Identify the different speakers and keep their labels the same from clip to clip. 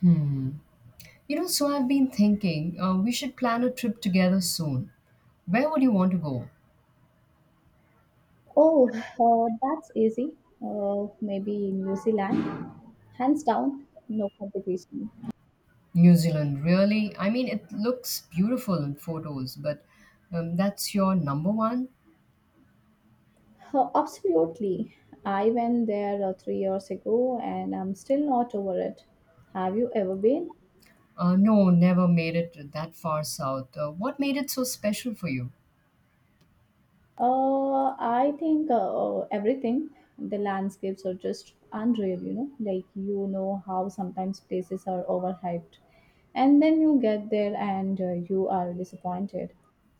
Speaker 1: Hmm. So I've been thinking, we should plan a trip together soon. Where would you want to go?
Speaker 2: Oh, that's easy. Maybe New Zealand. Hands down, no competition.
Speaker 1: New Zealand, really? I mean, it looks beautiful in photos, but that's your number one?
Speaker 2: Absolutely. I went there 3 years ago, and I'm still not over it. Have you ever been?
Speaker 1: No, never made it that far south. What made it so special for you?
Speaker 2: I think everything. The landscapes are just unreal. Like, you know how sometimes places are overhyped. And then you get there and you are disappointed.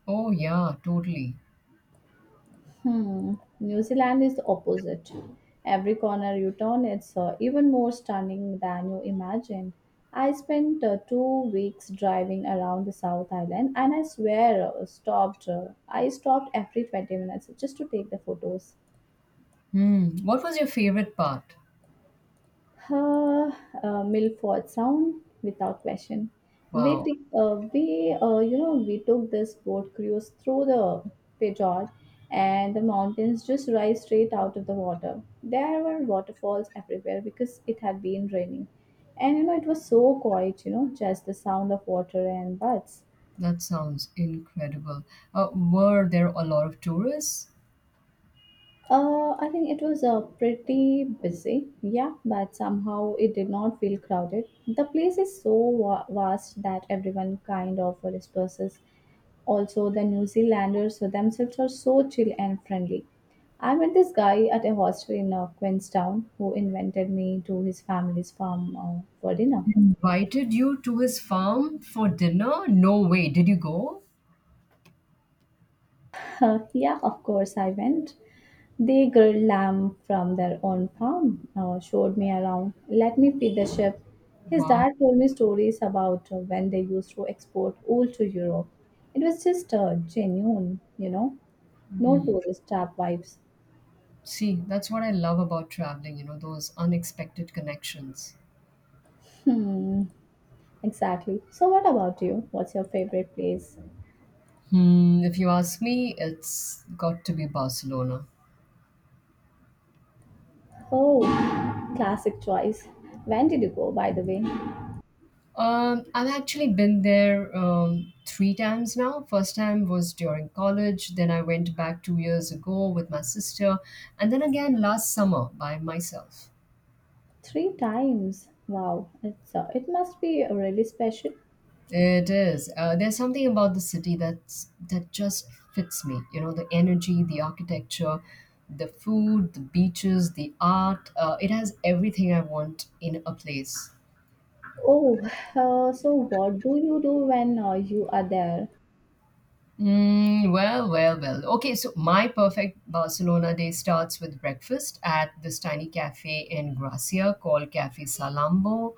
Speaker 1: Oh, yeah, totally.
Speaker 2: Hmm. New Zealand is the opposite. Every corner you turn, it's even more stunning than you imagine. I spent 2 weeks driving around the South Island, and I swear, stopped. I stopped every 20 minutes just to take the photos.
Speaker 1: Hmm. What was your favorite part?
Speaker 2: Uh, Milford Sound, without question. We
Speaker 1: Wow,
Speaker 2: t- uh, we uh, you know we took this boat cruise through the fjord, and the mountains just rise straight out of the water. There were waterfalls everywhere because it had been raining, and you know it was so quiet. You know, just the sound of water and birds.
Speaker 1: that sounds incredible. Were there a lot of tourists?
Speaker 2: I think it was pretty busy, yeah, but somehow it did not feel crowded. The place is so vast that everyone kind of disperses. Also, the New Zealanders themselves are so chill and friendly. I met this guy at a hostel in Queenstown who invited me to his family's farm for dinner.
Speaker 1: Invited you to his farm for dinner? No way. Did you go?
Speaker 2: Yeah, of course, I went. They grilled lamb from their own farm, showed me around, let me feed the sheep. His
Speaker 1: Wow.
Speaker 2: dad told me stories about when they used to export wool to Europe. It was just genuine, no tourist trap vibes.
Speaker 1: See, that's what I love about traveling, you know, those unexpected connections.
Speaker 2: Hmm, exactly. So, what about you? What's your favorite place?
Speaker 1: Hmm, if you ask me, it's got to be Barcelona.
Speaker 2: Oh, classic choice. When did you go, by the way?
Speaker 1: I've actually been there three times now. First time was during college, then I went back 2 years ago with my sister, and then again last summer by myself.
Speaker 2: Three times. Wow, it must be really special.
Speaker 1: It is. There's something about the city that just fits me. You know, the energy, the architecture, the food, the beaches, the art. It has everything I want in a place.
Speaker 2: Oh, so what do you do when you are there?
Speaker 1: Well. Okay, so my perfect Barcelona day starts with breakfast at this tiny cafe in Gracia called Cafe Salambo.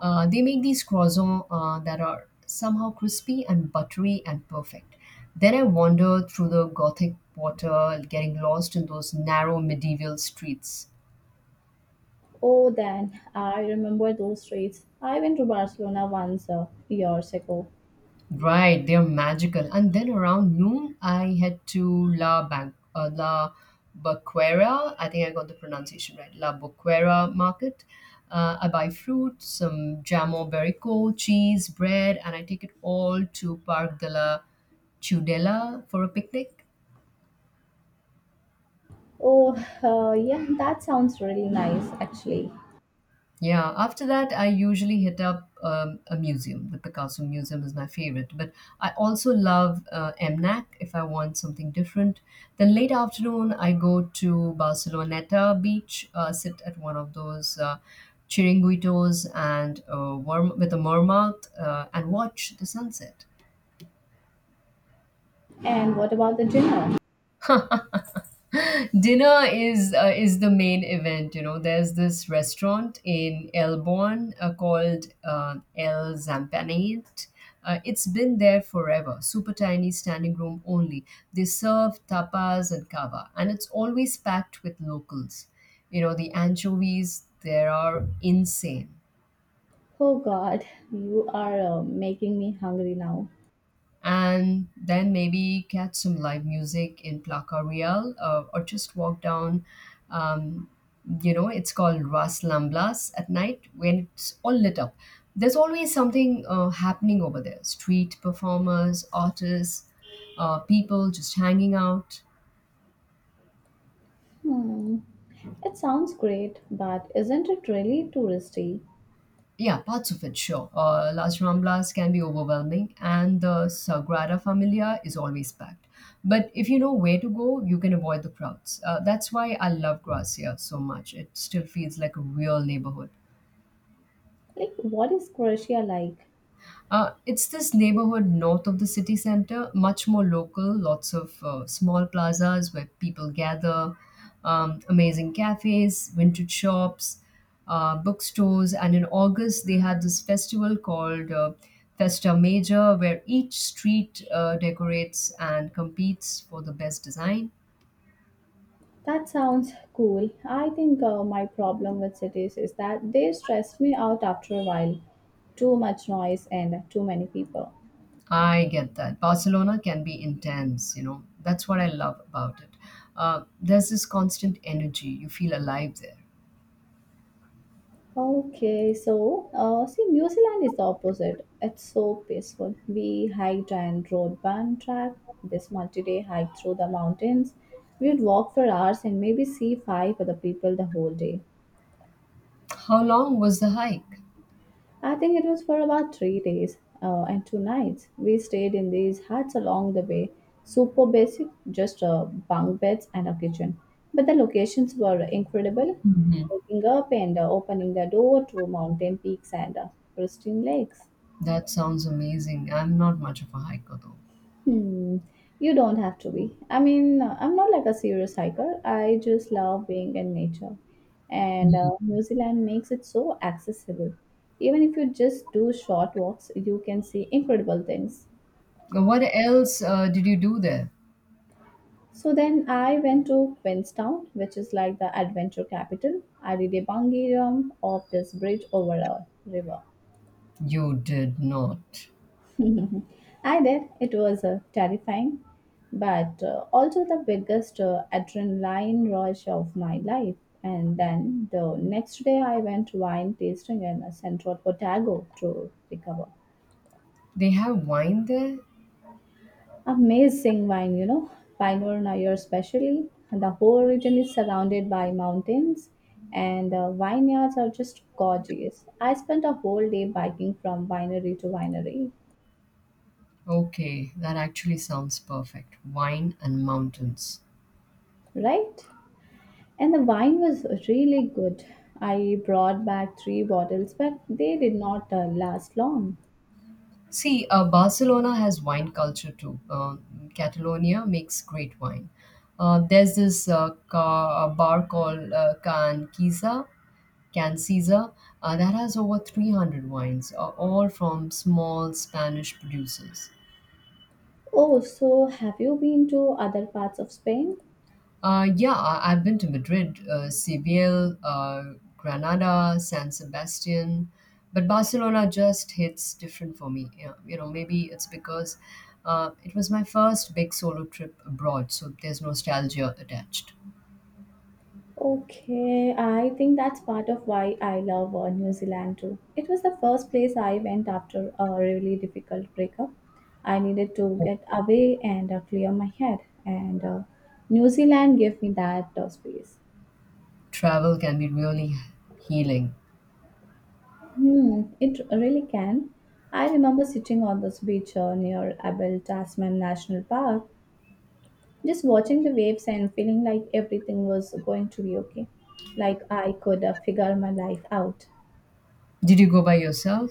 Speaker 1: They make these croissants that are somehow crispy and buttery and perfect. Then I wander through the Gothic quarter, getting lost in those narrow medieval streets.
Speaker 2: Oh, then I remember those streets. I went to Barcelona once years ago.
Speaker 1: Right, they're magical. And then around noon, I head to La Boquera. I think I got the pronunciation right. La Boquera Market. I buy fruit, some jamo berico, cheese, bread, and I take it all to Park de la Tudela for a picnic.
Speaker 2: Oh, yeah, that sounds really nice actually.
Speaker 1: Yeah, after that, I usually hit up a museum. The Picasso Museum is my favorite, but I also love MNAC if I want something different. Then late afternoon, I go to Barceloneta Beach, sit at one of those chiringuitos and warm with a warm mouth and watch the sunset.
Speaker 2: And what about the dinner?
Speaker 1: Dinner is the main event. You know, there's this restaurant in Elborn called El Zampanate. It's been there forever. Super tiny, standing room only. They serve tapas and kava, and it's always packed with locals. You know, the anchovies there are insane.
Speaker 2: Oh God, you are making me hungry now.
Speaker 1: And then maybe catch some live music in Placa Real, or just walk down. Um, you know, it's called Ras Lamblas at night when it's all lit up. There's always something happening over there: street performers, artists, people just hanging out.
Speaker 2: Hmm, it sounds great, but isn't it really touristy?
Speaker 1: Yeah, parts of it, sure. Las Ramblas can be overwhelming, and the Sagrada Familia is always packed. But if you know where to go, you can avoid the crowds. That's why I love Gracia so much. It still feels like a real neighborhood.
Speaker 2: Like, what is Croatia like?
Speaker 1: It's this neighborhood north of the city center, much more local, lots of small plazas where people gather, amazing cafes, vintage shops, bookstores, and in August they had this festival called Festa Major, where each street decorates and competes for the best design.
Speaker 2: That sounds cool. I think my problem with cities is that they stress me out after a while. Too much noise and too many people.
Speaker 1: I get that. Barcelona can be intense, you know. That's what I love about it. There's this constant energy. You feel alive there.
Speaker 2: Okay, so see, New Zealand is the opposite. It's so peaceful. We hiked and rode band track. This multi-day hike through the mountains. We would walk for hours and maybe see five other people the whole day.
Speaker 1: How long was the hike?
Speaker 2: I think it was for about 3 days and 2 nights. We stayed in these huts along the way. Super basic, just bunk beds and a kitchen. But the locations were incredible. Waking up and opening the door to mountain peaks and pristine lakes.
Speaker 1: That sounds amazing. I'm not much of a hiker though.
Speaker 2: Hmm. You don't have to be. I mean, I'm not like a serious hiker. I just love being in nature. And New Zealand makes it so accessible. Even if you just do short walks, you can see incredible things.
Speaker 1: Now, what else did you do there?
Speaker 2: So then I went to Queenstown, which is like the adventure capital. I did a bungee jump off this bridge over a river.
Speaker 1: You did not.
Speaker 2: I did. It was terrifying, but also the biggest adrenaline rush of my life. And then the next day, I went wine tasting in Central Otago to recover.
Speaker 1: They have wine there?
Speaker 2: Amazing wine, you know, Pinot Noir especially. The whole region is surrounded by mountains, and vineyards are just gorgeous. I spent a whole day biking from winery to winery,
Speaker 1: Okay, that actually sounds perfect. Wine and mountains.
Speaker 2: right? And the wine was really good. I brought back three bottles, but they did not last long.
Speaker 1: See, Barcelona has wine culture too. Um, Catalonia makes great wine. There's this a bar called Can Caesar, that has over 300 wines, all from small Spanish producers.
Speaker 2: Oh, so have you been to other parts of Spain?
Speaker 1: I've been to Madrid, Seville, Granada, San Sebastian, but Barcelona just hits different for me. Yeah, you know, maybe it's because it was my first big solo trip abroad, so there's nostalgia attached.
Speaker 2: Okay, I think that's part of why I love New Zealand too. It was the first place I went after a really difficult breakup. I needed to get away and clear my head, and New Zealand gave me that space.
Speaker 1: Travel can be really healing.
Speaker 2: Hmm, it really can. I remember sitting on this beach near Abel Tasman National Park, just watching the waves and feeling like everything was going to be okay. Like I could figure my life out.
Speaker 1: Did you go by yourself?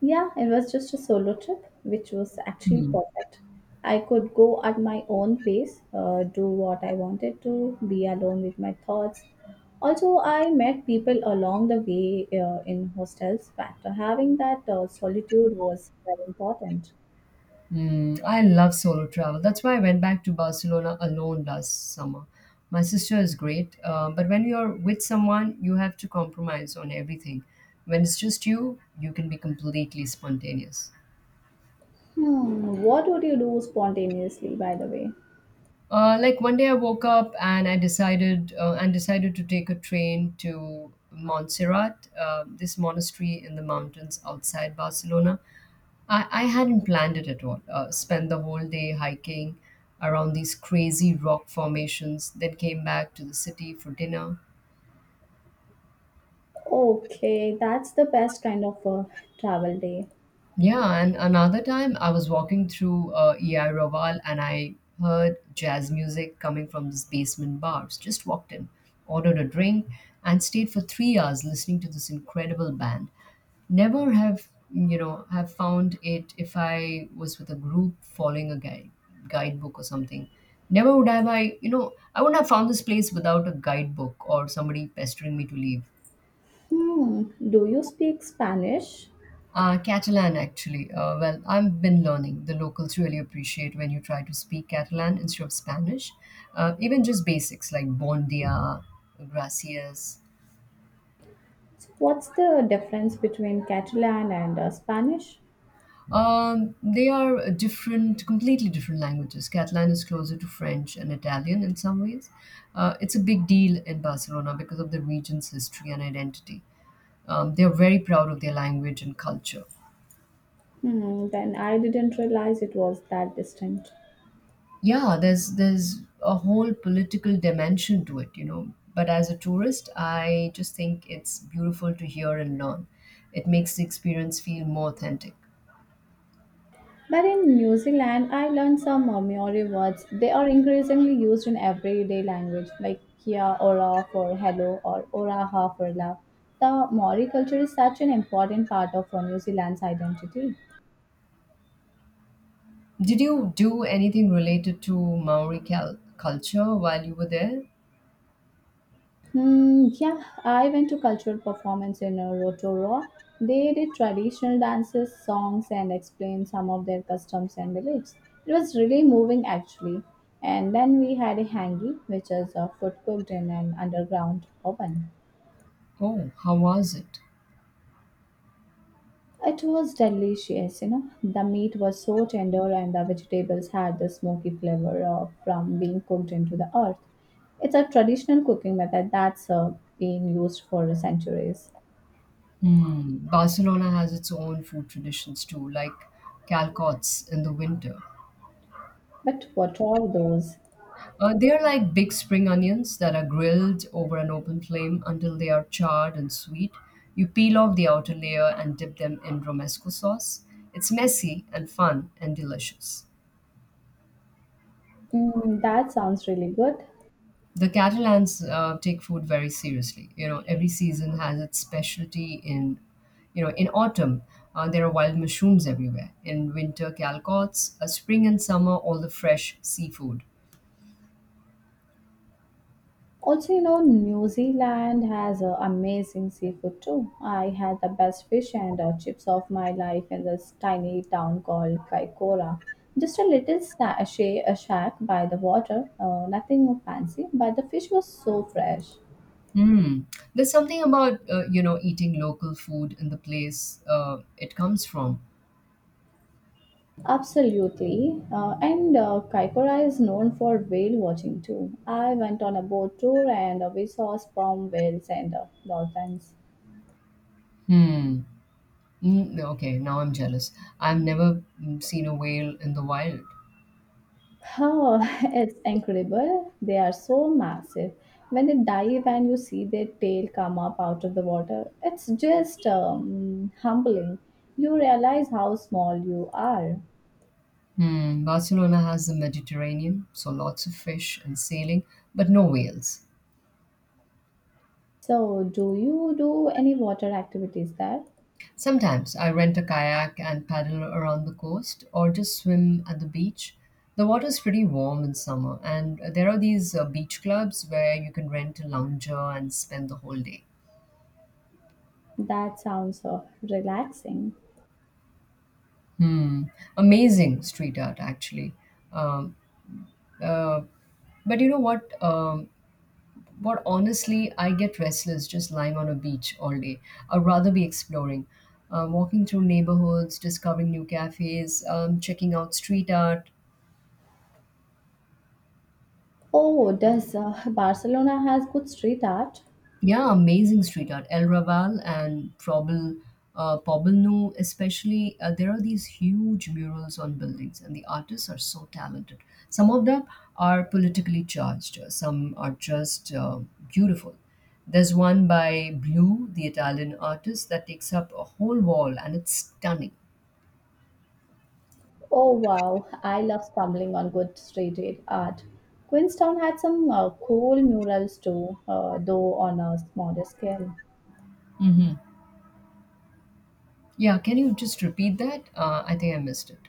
Speaker 2: Yeah, it was just a solo trip, which was actually
Speaker 1: Hmm.
Speaker 2: perfect. I could go at my own pace, do what I wanted to, be alone with my thoughts. Also, I met people along the way in hostels, but having that solitude was very important.
Speaker 1: Mm, I love solo travel. That's why I went back to Barcelona alone last summer. My sister is great, but when you're with someone, you have to compromise on everything. When it's just you, you can be completely spontaneous.
Speaker 2: Hmm, what would you do spontaneously, by the way?
Speaker 1: Like one day I woke up and I decided and decided to take a train to Montserrat, this monastery in the mountains outside Barcelona. I hadn't planned it at all. Spent the whole day hiking around these crazy rock formations, then came back to the city for dinner.
Speaker 2: Okay, that's the best kind of a travel day.
Speaker 1: Yeah, and another time I was walking through EI Raval and I heard jazz music coming from this basement bars. Just walked in, ordered a drink, and stayed for 3 hours listening to this incredible band. Never have you know have found it if I was with a group following a guide guidebook or something. Never would have I you know I wouldn't have found this place without a guidebook or somebody pestering me to leave.
Speaker 2: Hmm, do you speak Spanish?
Speaker 1: Catalan, actually. Well, I've been learning. The locals really appreciate when you try to speak Catalan instead of Spanish. Even just basics like bon dia, gracias.
Speaker 2: What's the difference between Catalan and Spanish?
Speaker 1: They are different, completely different languages. Catalan is closer to French and Italian in some ways. It's a big deal in Barcelona because of the region's history and identity. They are very proud of their language and culture.
Speaker 2: Hmm, then I didn't realize it was that distinct.
Speaker 1: Yeah, there's a whole political dimension to it, you know, but as a tourist I just think it's beautiful to hear and learn. It makes the experience feel more authentic.
Speaker 2: But in New Zealand, I learned some Maori words. They are increasingly used in everyday language, like kia ora for hello or Ora ha for love. The Maori culture is such an important part of New Zealand's identity.
Speaker 1: Did you do anything related to culture while you were there?
Speaker 2: Hmm. Yeah, I went to cultural performance in Rotorua. They did traditional dances, songs, and explained some of their customs and beliefs. It was really moving, actually. And then we had a hangi, which is food cooked in an underground oven.
Speaker 1: Oh, how was it?
Speaker 2: It was delicious. The meat was so tender, and the vegetables had the smoky flavor from being cooked into the earth. It's a traditional cooking method that's been used for centuries.
Speaker 1: Hmm. Barcelona has its own food traditions too, like calcots in the winter.
Speaker 2: But what are those?
Speaker 1: They're like big spring onions that are grilled over an open flame until they are charred and sweet. You peel off the outer layer and dip them in romesco sauce. It's messy and fun and delicious.
Speaker 2: That sounds really good.
Speaker 1: The Catalans take food very seriously. You know, every season has its specialty. In you know in autumn there are wild mushrooms everywhere, in winter calcots, spring and summer all the fresh seafood.
Speaker 2: Also, you know, New Zealand has amazing seafood too. I had the best fish and chips of my life in this tiny town called Kaikoura. Just a little a shack by the water, nothing fancy, but the fish was so fresh.
Speaker 1: Mm. There's something about, eating local food in the place it comes from.
Speaker 2: Absolutely. And Kaikoura is known for whale watching too. I went on a boat tour and we saw sperm whales and dolphins.
Speaker 1: Hmm. Mm, okay, now I'm jealous. I've never, seen a whale in the wild.
Speaker 2: Oh, it's incredible. They are so massive. When they dive and you see their tail come up out of the water, it's just humbling. You realize how small you are.
Speaker 1: Hmm. Barcelona has the Mediterranean, so lots of fish and sailing, but no whales.
Speaker 2: So, do you do any water activities there?
Speaker 1: Sometimes I rent a kayak and paddle around the coast or just swim at the beach. The water's pretty warm in summer, and there are these beach clubs where you can rent a lounger and spend the whole day.
Speaker 2: That sounds relaxing.
Speaker 1: Hmm. Amazing street art, actually. Um, uh, but you know what? Honestly, I get restless just lying on a beach all day. I'd rather be exploring, walking through neighborhoods, discovering new cafes, checking out street art.
Speaker 2: Oh, does Barcelona has good street art?
Speaker 1: Yeah, amazing street art. El Raval and Poblenou especially. Uh, there are these huge murals on buildings, and the artists are so talented. Some of them are politically charged, some are just beautiful. There's one by Blue, the Italian artist, that takes up a whole wall, and it's stunning.
Speaker 2: Oh wow, I love stumbling on good street art. Queenstown had some cool murals too, though on a smaller scale.
Speaker 1: Hmm. Yeah, can you just repeat that? I think I missed it.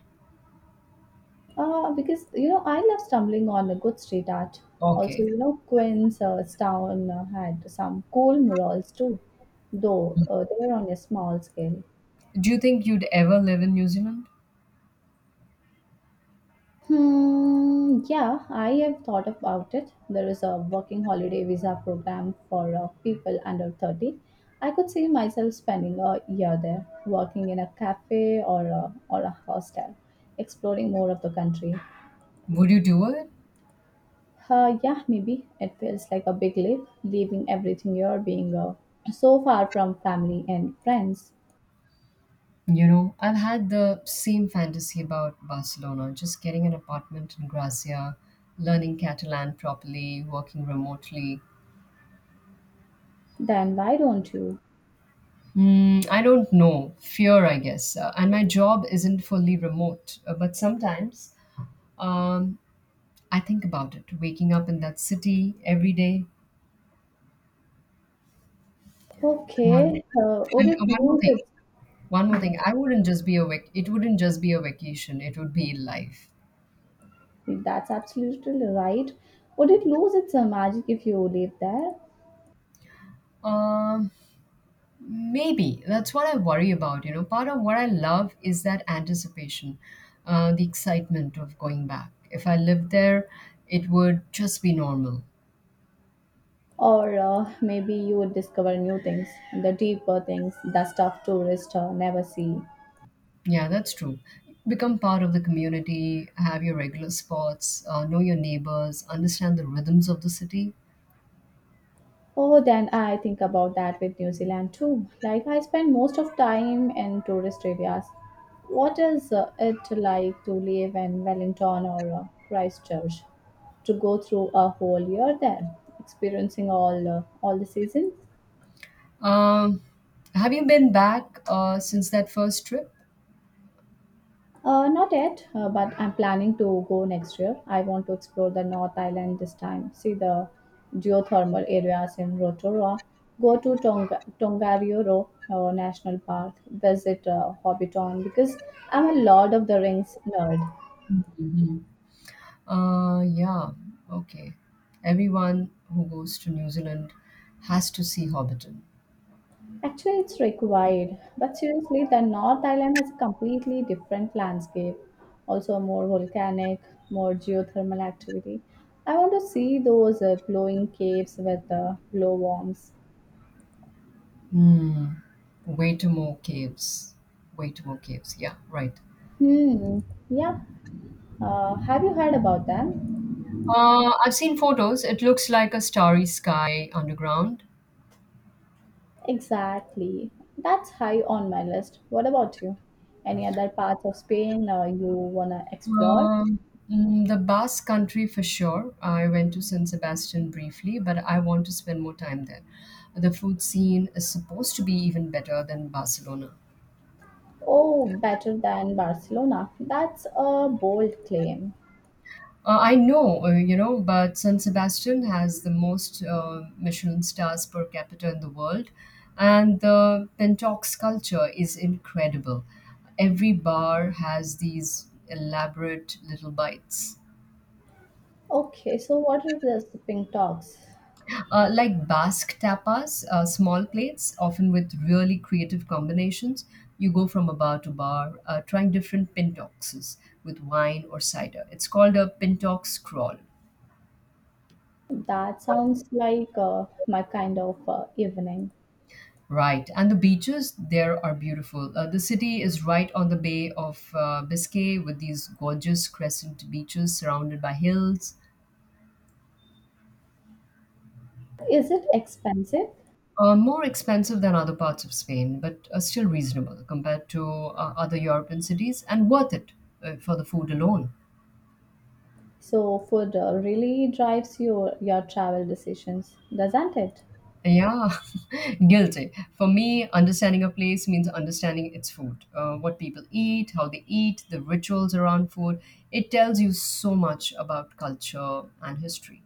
Speaker 2: Because I love stumbling on a good street art. Also,
Speaker 1: Okay.
Speaker 2: Queenstown had some cool murals too, though they were on a small scale.
Speaker 1: Do you think you'd ever live in New Zealand?
Speaker 2: Hmm, yeah, I have thought about it. There is a working holiday visa program for people under 30. I could see myself spending a year there, working in a cafe or a hostel, exploring more of the country.
Speaker 1: Would you do it?
Speaker 2: Yeah, maybe it feels like a big leap, leaving everything you're being so far from family and friends.
Speaker 1: You know, I've had the same fantasy about Barcelona, just getting an apartment in Gracia, learning Catalan properly, working remotely.
Speaker 2: Then why don't you?
Speaker 1: Mm, I don't know, fear, I guess. And my job isn't fully remote, but sometimes um, I think about it, waking up in that city every day. Um,
Speaker 2: Okay, would
Speaker 1: and
Speaker 2: it
Speaker 1: one more
Speaker 2: lose
Speaker 1: thing,
Speaker 2: its?
Speaker 1: One more thing. I wouldn't just be a vac- It wouldn't just be a vacation, it would be life.
Speaker 2: That's absolutely right. Would it lose its magic if you live there?
Speaker 1: Um, Maybe that's what I worry about. You know, part of what I love is that anticipation, the excitement of going back. If I lived there, it would just be normal.
Speaker 2: Or maybe you would discover new things, the deeper things, the stuff tourists never see.
Speaker 1: Yeah, that's true. Become part of the community, have your regular spots, know your neighbors, understand the rhythms of the city.
Speaker 2: Oh, then I think about that with New Zealand too. Like I spend most of time in tourist areas. What is it like to live in Wellington or Christchurch? To go through a whole year there, experiencing all the seasons?
Speaker 1: Um, have you been back since that first trip?
Speaker 2: Not yet, but I'm planning to go next year. I want to explore the North Island this time, see the geothermal areas in Rotorua, go to Tongariro National Park, visit Hobbiton because I'm a Lord of the Rings nerd.
Speaker 1: Mhm. Yeah, okay. Everyone who goes to New Zealand has to see Hobbiton.
Speaker 2: Actually, it's required, but seriously, the North Island has a completely different landscape, also more volcanic, more geothermal activity. I want to see those glowing caves with the glowworms.
Speaker 1: Mm. Way to more caves. Way to more caves. Yeah, right.
Speaker 2: Hmm. Yeah. Have you heard about them?
Speaker 1: I've seen photos. It looks like a starry sky underground.
Speaker 2: Exactly. That's high on my list. What about you? Any other parts of Spain you wanna explore?
Speaker 1: Um, mm, the Basque country for sure. I went to San Sebastian briefly, but I want to spend more time there. The food scene is supposed to be even better than Barcelona.
Speaker 2: Oh, better than Barcelona. That's a bold claim.
Speaker 1: I know, but San Sebastian has the most Michelin stars per capita in the world, and the Pentox culture is incredible. Every bar has these elaborate little bites,
Speaker 2: Okay, so what are the sipping talks?
Speaker 1: like Basque tapas, small plates, often with really creative combinations. You go from a bar to bar, trying different Pentoxes with wine or cider. It's called a Pentox crawl.
Speaker 2: That sounds like my kind of evening.
Speaker 1: Right, and the beaches there are beautiful. The city is right on the Bay of Biscay with these gorgeous crescent beaches surrounded by hills.
Speaker 2: Is it expensive?
Speaker 1: More expensive than other parts of Spain, but still reasonable compared to other European cities, and worth it for the food alone.
Speaker 2: So food really drives your travel decisions, doesn't it?
Speaker 1: Yeah, guilty. For me, understanding a place means understanding its food, what people eat, how they eat, the rituals around food. It tells you so much about culture and history.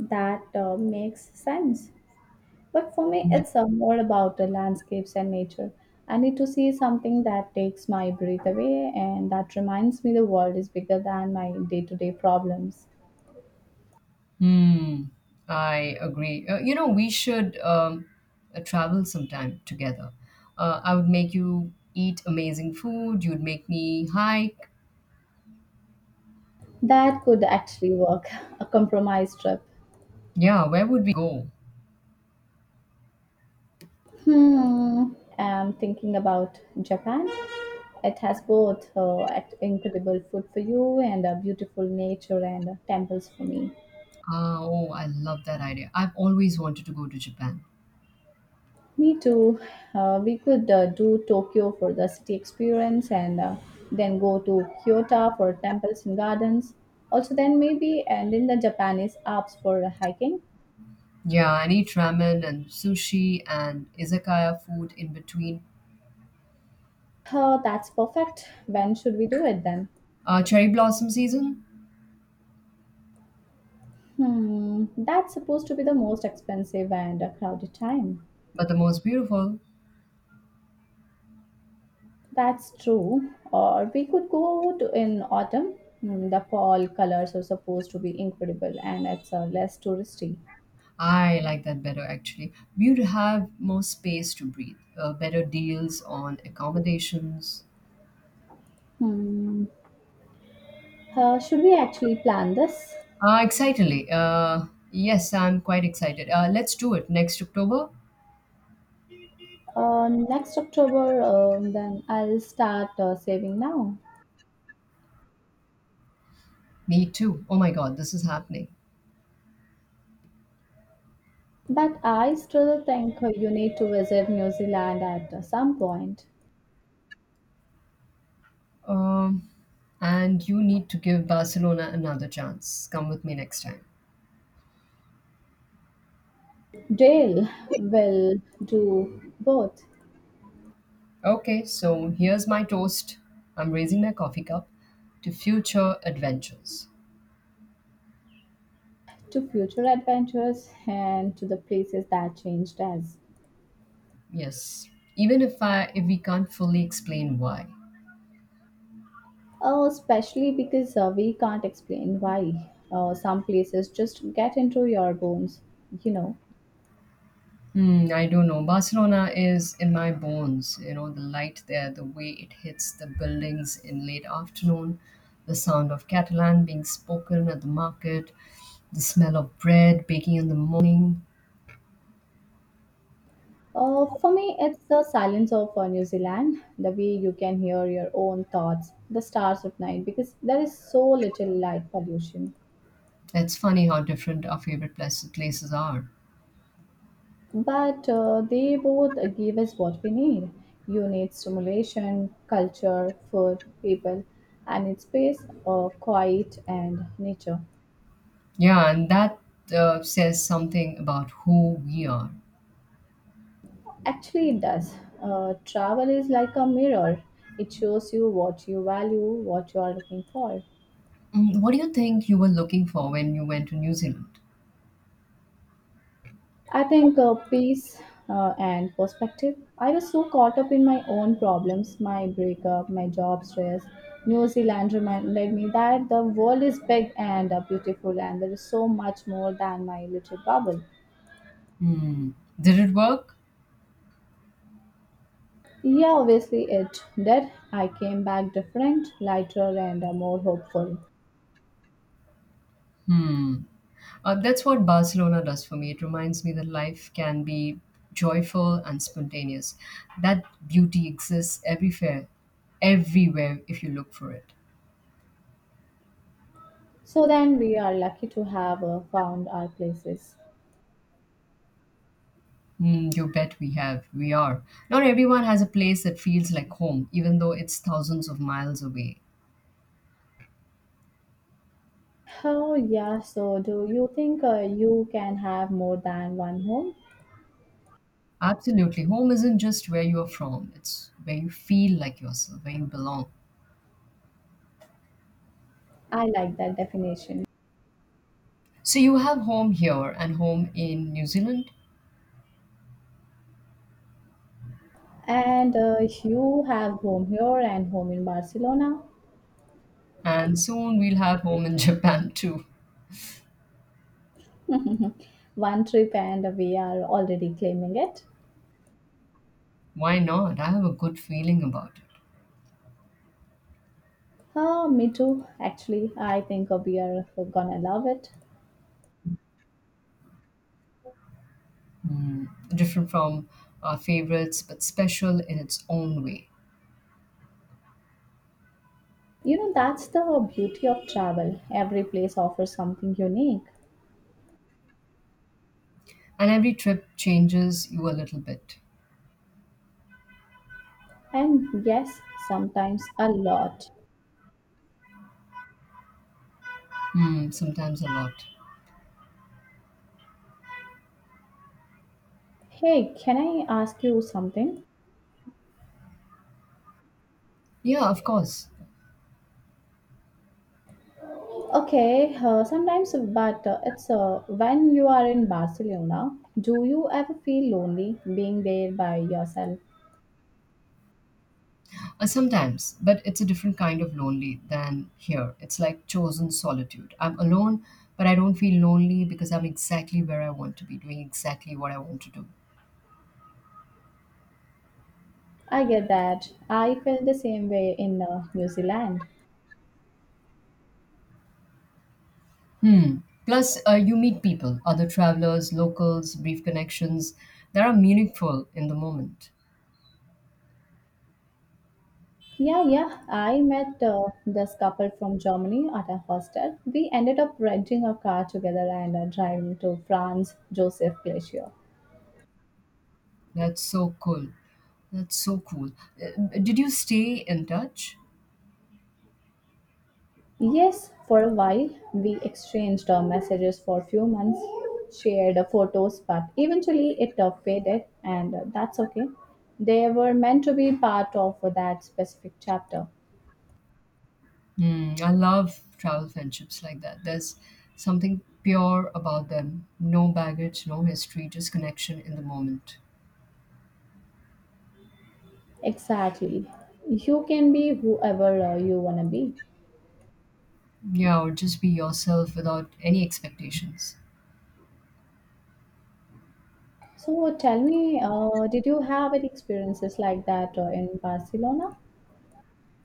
Speaker 2: That makes sense. But for me, it's more about the landscapes and nature. I need to see something that takes my breath away and that reminds me the world is bigger than my day to day problems.
Speaker 1: Hmm. I agree. We should travel sometime together. I would make you eat amazing food. You'd make me hike.
Speaker 2: That could actually work, a compromise trip.
Speaker 1: Yeah, where would we go?
Speaker 2: Hmm, I'm thinking about Japan. It has both incredible food for you and beautiful nature and temples for me.
Speaker 1: Ah, oh, I love that idea. I've always wanted to go to Japan.
Speaker 2: Me too. We could do Tokyo for the city experience and then go to Kyoto for temples and gardens. Also, then maybe and in the Japanese Alps for hiking.
Speaker 1: Yeah, and eat ramen and sushi and izakaya food in between.
Speaker 2: Oh, that's perfect. When should we do it then?
Speaker 1: Cherry blossom season,
Speaker 2: Hmm, that's supposed to be the most expensive and crowded time.
Speaker 1: but the most beautiful.
Speaker 2: That's true. Or we could go to in autumn. Hmm, the fall colors are supposed to be incredible and it's less touristy.
Speaker 1: I like that better, actually. We'd have more space to breathe, better deals on accommodations.
Speaker 2: Hmm, should we actually plan this?
Speaker 1: Excitedly. Yes, I'm quite excited. Let's do it next October.
Speaker 2: Next October, then I'll start saving now.
Speaker 1: Me too. Oh my god, this is happening.
Speaker 2: But I still think you need to visit New Zealand at some point.
Speaker 1: Um, and you need to give Barcelona another chance. Come with me next time.
Speaker 2: Dale will do both
Speaker 1: Okay, so here's my toast. I'm raising my coffee cup to future adventures.
Speaker 2: to future adventures and to the places that changed us.
Speaker 1: Yes, even if we can't fully explain why.
Speaker 2: Oh, especially because we can't explain why. Some places just get into your bones, you know.
Speaker 1: Hmm, I don't know. Barcelona is in my bones. You know, the light there, the way it hits the buildings in late afternoon, the sound of Catalan being spoken at the market, the smell of bread baking in the morning.
Speaker 2: For me, it's the silence of New Zealand, the way you can hear your own thoughts, the stars at night, because there is so little light pollution.
Speaker 1: It's funny how different our places are.
Speaker 2: But they both give us what we need. You need stimulation, culture, food, people, and its space, quiet, and nature.
Speaker 1: Yeah, and that says something about who we are.
Speaker 2: Actually, it does. Travel is like a mirror, it shows you what you value, what you are looking for.
Speaker 1: Mm, what do you think you were looking for when you went to New Zealand?
Speaker 2: I think peace and perspective. I was so caught up in my own problems, my breakup, my job stress. New Zealand reminded me that the world is big and beautiful, and there is so much more than my little bubble.
Speaker 1: Hmm. Did it work?
Speaker 2: Yeah, obviously it did. I came back different, lighter, and more hopeful.
Speaker 1: Hmm. That's what Barcelona does for me. It reminds me that life can be joyful and spontaneous. That beauty exists everywhere, everywhere if you look for it.
Speaker 2: So then we are lucky to have found our places.
Speaker 1: Mm, you bet we have. We are. Not everyone has a place that feels like home, even though it's thousands of miles away.
Speaker 2: Oh, yeah. So, do you think you can have more than one home?
Speaker 1: Absolutely. Home isn't just where you are from, it's where you feel like yourself, where you belong.
Speaker 2: I like that definition.
Speaker 1: So you have home here and home in New Zealand,
Speaker 2: And you have home here and home in Barcelona.
Speaker 1: and soon we'll have home in Japan too.
Speaker 2: One trip, and we are already claiming it.
Speaker 1: Why not? I have a good feeling about it.
Speaker 2: Me too, actually. I think we are gonna love it.
Speaker 1: Hmm. Different from our favorites, but special in its own way.
Speaker 2: You know, that's the beauty of travel. Every place offers something unique.
Speaker 1: And every trip changes you a little bit.
Speaker 2: And yes, sometimes a lot.
Speaker 1: Hmm, sometimes a lot.
Speaker 2: Hey, can I ask you something?
Speaker 1: Yeah, of course.
Speaker 2: Okay, sometimes, but it's when you are in Barcelona, do you ever feel lonely being there by yourself?
Speaker 1: Sometimes, but it's a different kind of lonely than here. It's like chosen solitude. I'm alone, but I don't feel lonely because I'm exactly where I want to be, doing exactly what I want to do.
Speaker 2: I get that. I felt the same way in New Zealand.
Speaker 1: Hmm. Plus, you meet people, other travelers, locals, brief connections that are meaningful in the moment.
Speaker 2: Yeah, yeah, I met this couple from Germany at a hostel. We ended up renting a car together and driving to France Joseph Glacier.
Speaker 1: That's so cool. That's so cool. Did you stay in touch?
Speaker 2: Yes, for a while we exchanged messages for a few months, shared photos, but eventually it faded, and that's okay. They were meant to be part of that specific chapter.
Speaker 1: Mm, I love travel friendships like that. There's something pure about them. No baggage, no history, just connection in the moment.
Speaker 2: Exactly. You can be whoever you want to be.
Speaker 1: Yeah, or just be yourself without any expectations.
Speaker 2: So tell me, did you have any experiences like that in Barcelona?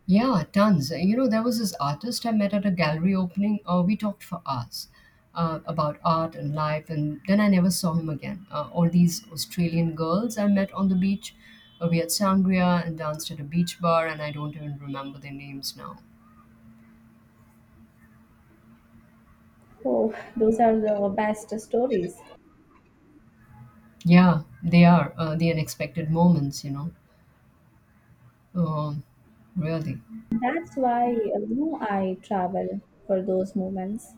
Speaker 1: Yeah, tons. You know, there was this artist I met at a gallery opening. We talked for hours about art and life, and then I never saw him again. All these Australian girls I met on the beach. We had sangria and danced at a beach bar, and I don't even remember their names now.
Speaker 2: Oh, those are the best stories.
Speaker 1: Yeah, they are the unexpected moments, you know. Um, Really.
Speaker 2: That's why you know, I travel for those moments.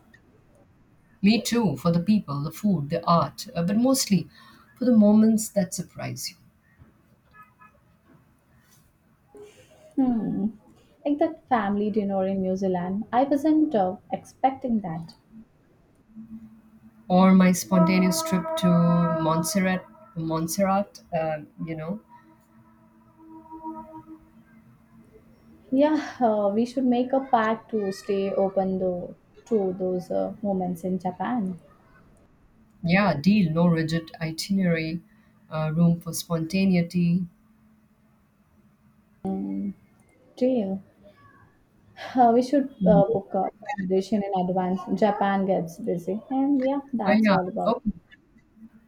Speaker 1: Me too, for the people, the food, the art, but mostly for the moments that surprise you.
Speaker 2: Hmm. Like that family dinner in New Zealand. I wasn't expecting that.
Speaker 1: Or my spontaneous trip to Montserrat, Montserrat, you know.
Speaker 2: Yeah, we should make a pact to stay open though to those moments in Japan.
Speaker 1: Yeah, deal, no rigid itinerary, room for spontaneity.
Speaker 2: Deal. We should
Speaker 1: Mm.
Speaker 2: book a accommodation in advance. Japan gets busy, and yeah, that's
Speaker 1: Yeah,
Speaker 2: all about.
Speaker 1: okay.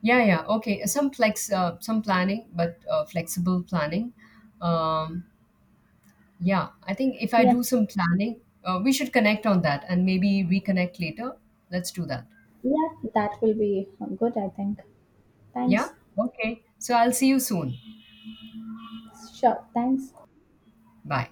Speaker 1: Yeah, yeah, okay. Some flex, some planning, but flexible planning. Um, yeah, I think if I
Speaker 2: Yes,
Speaker 1: do some planning, we should connect on that and maybe reconnect later. Let's do that.
Speaker 2: yeah, that will be good. I think.
Speaker 1: Yeah,
Speaker 2: Thanks.
Speaker 1: okay. So I'll see you soon.
Speaker 2: Sure. Thanks.
Speaker 1: Bye.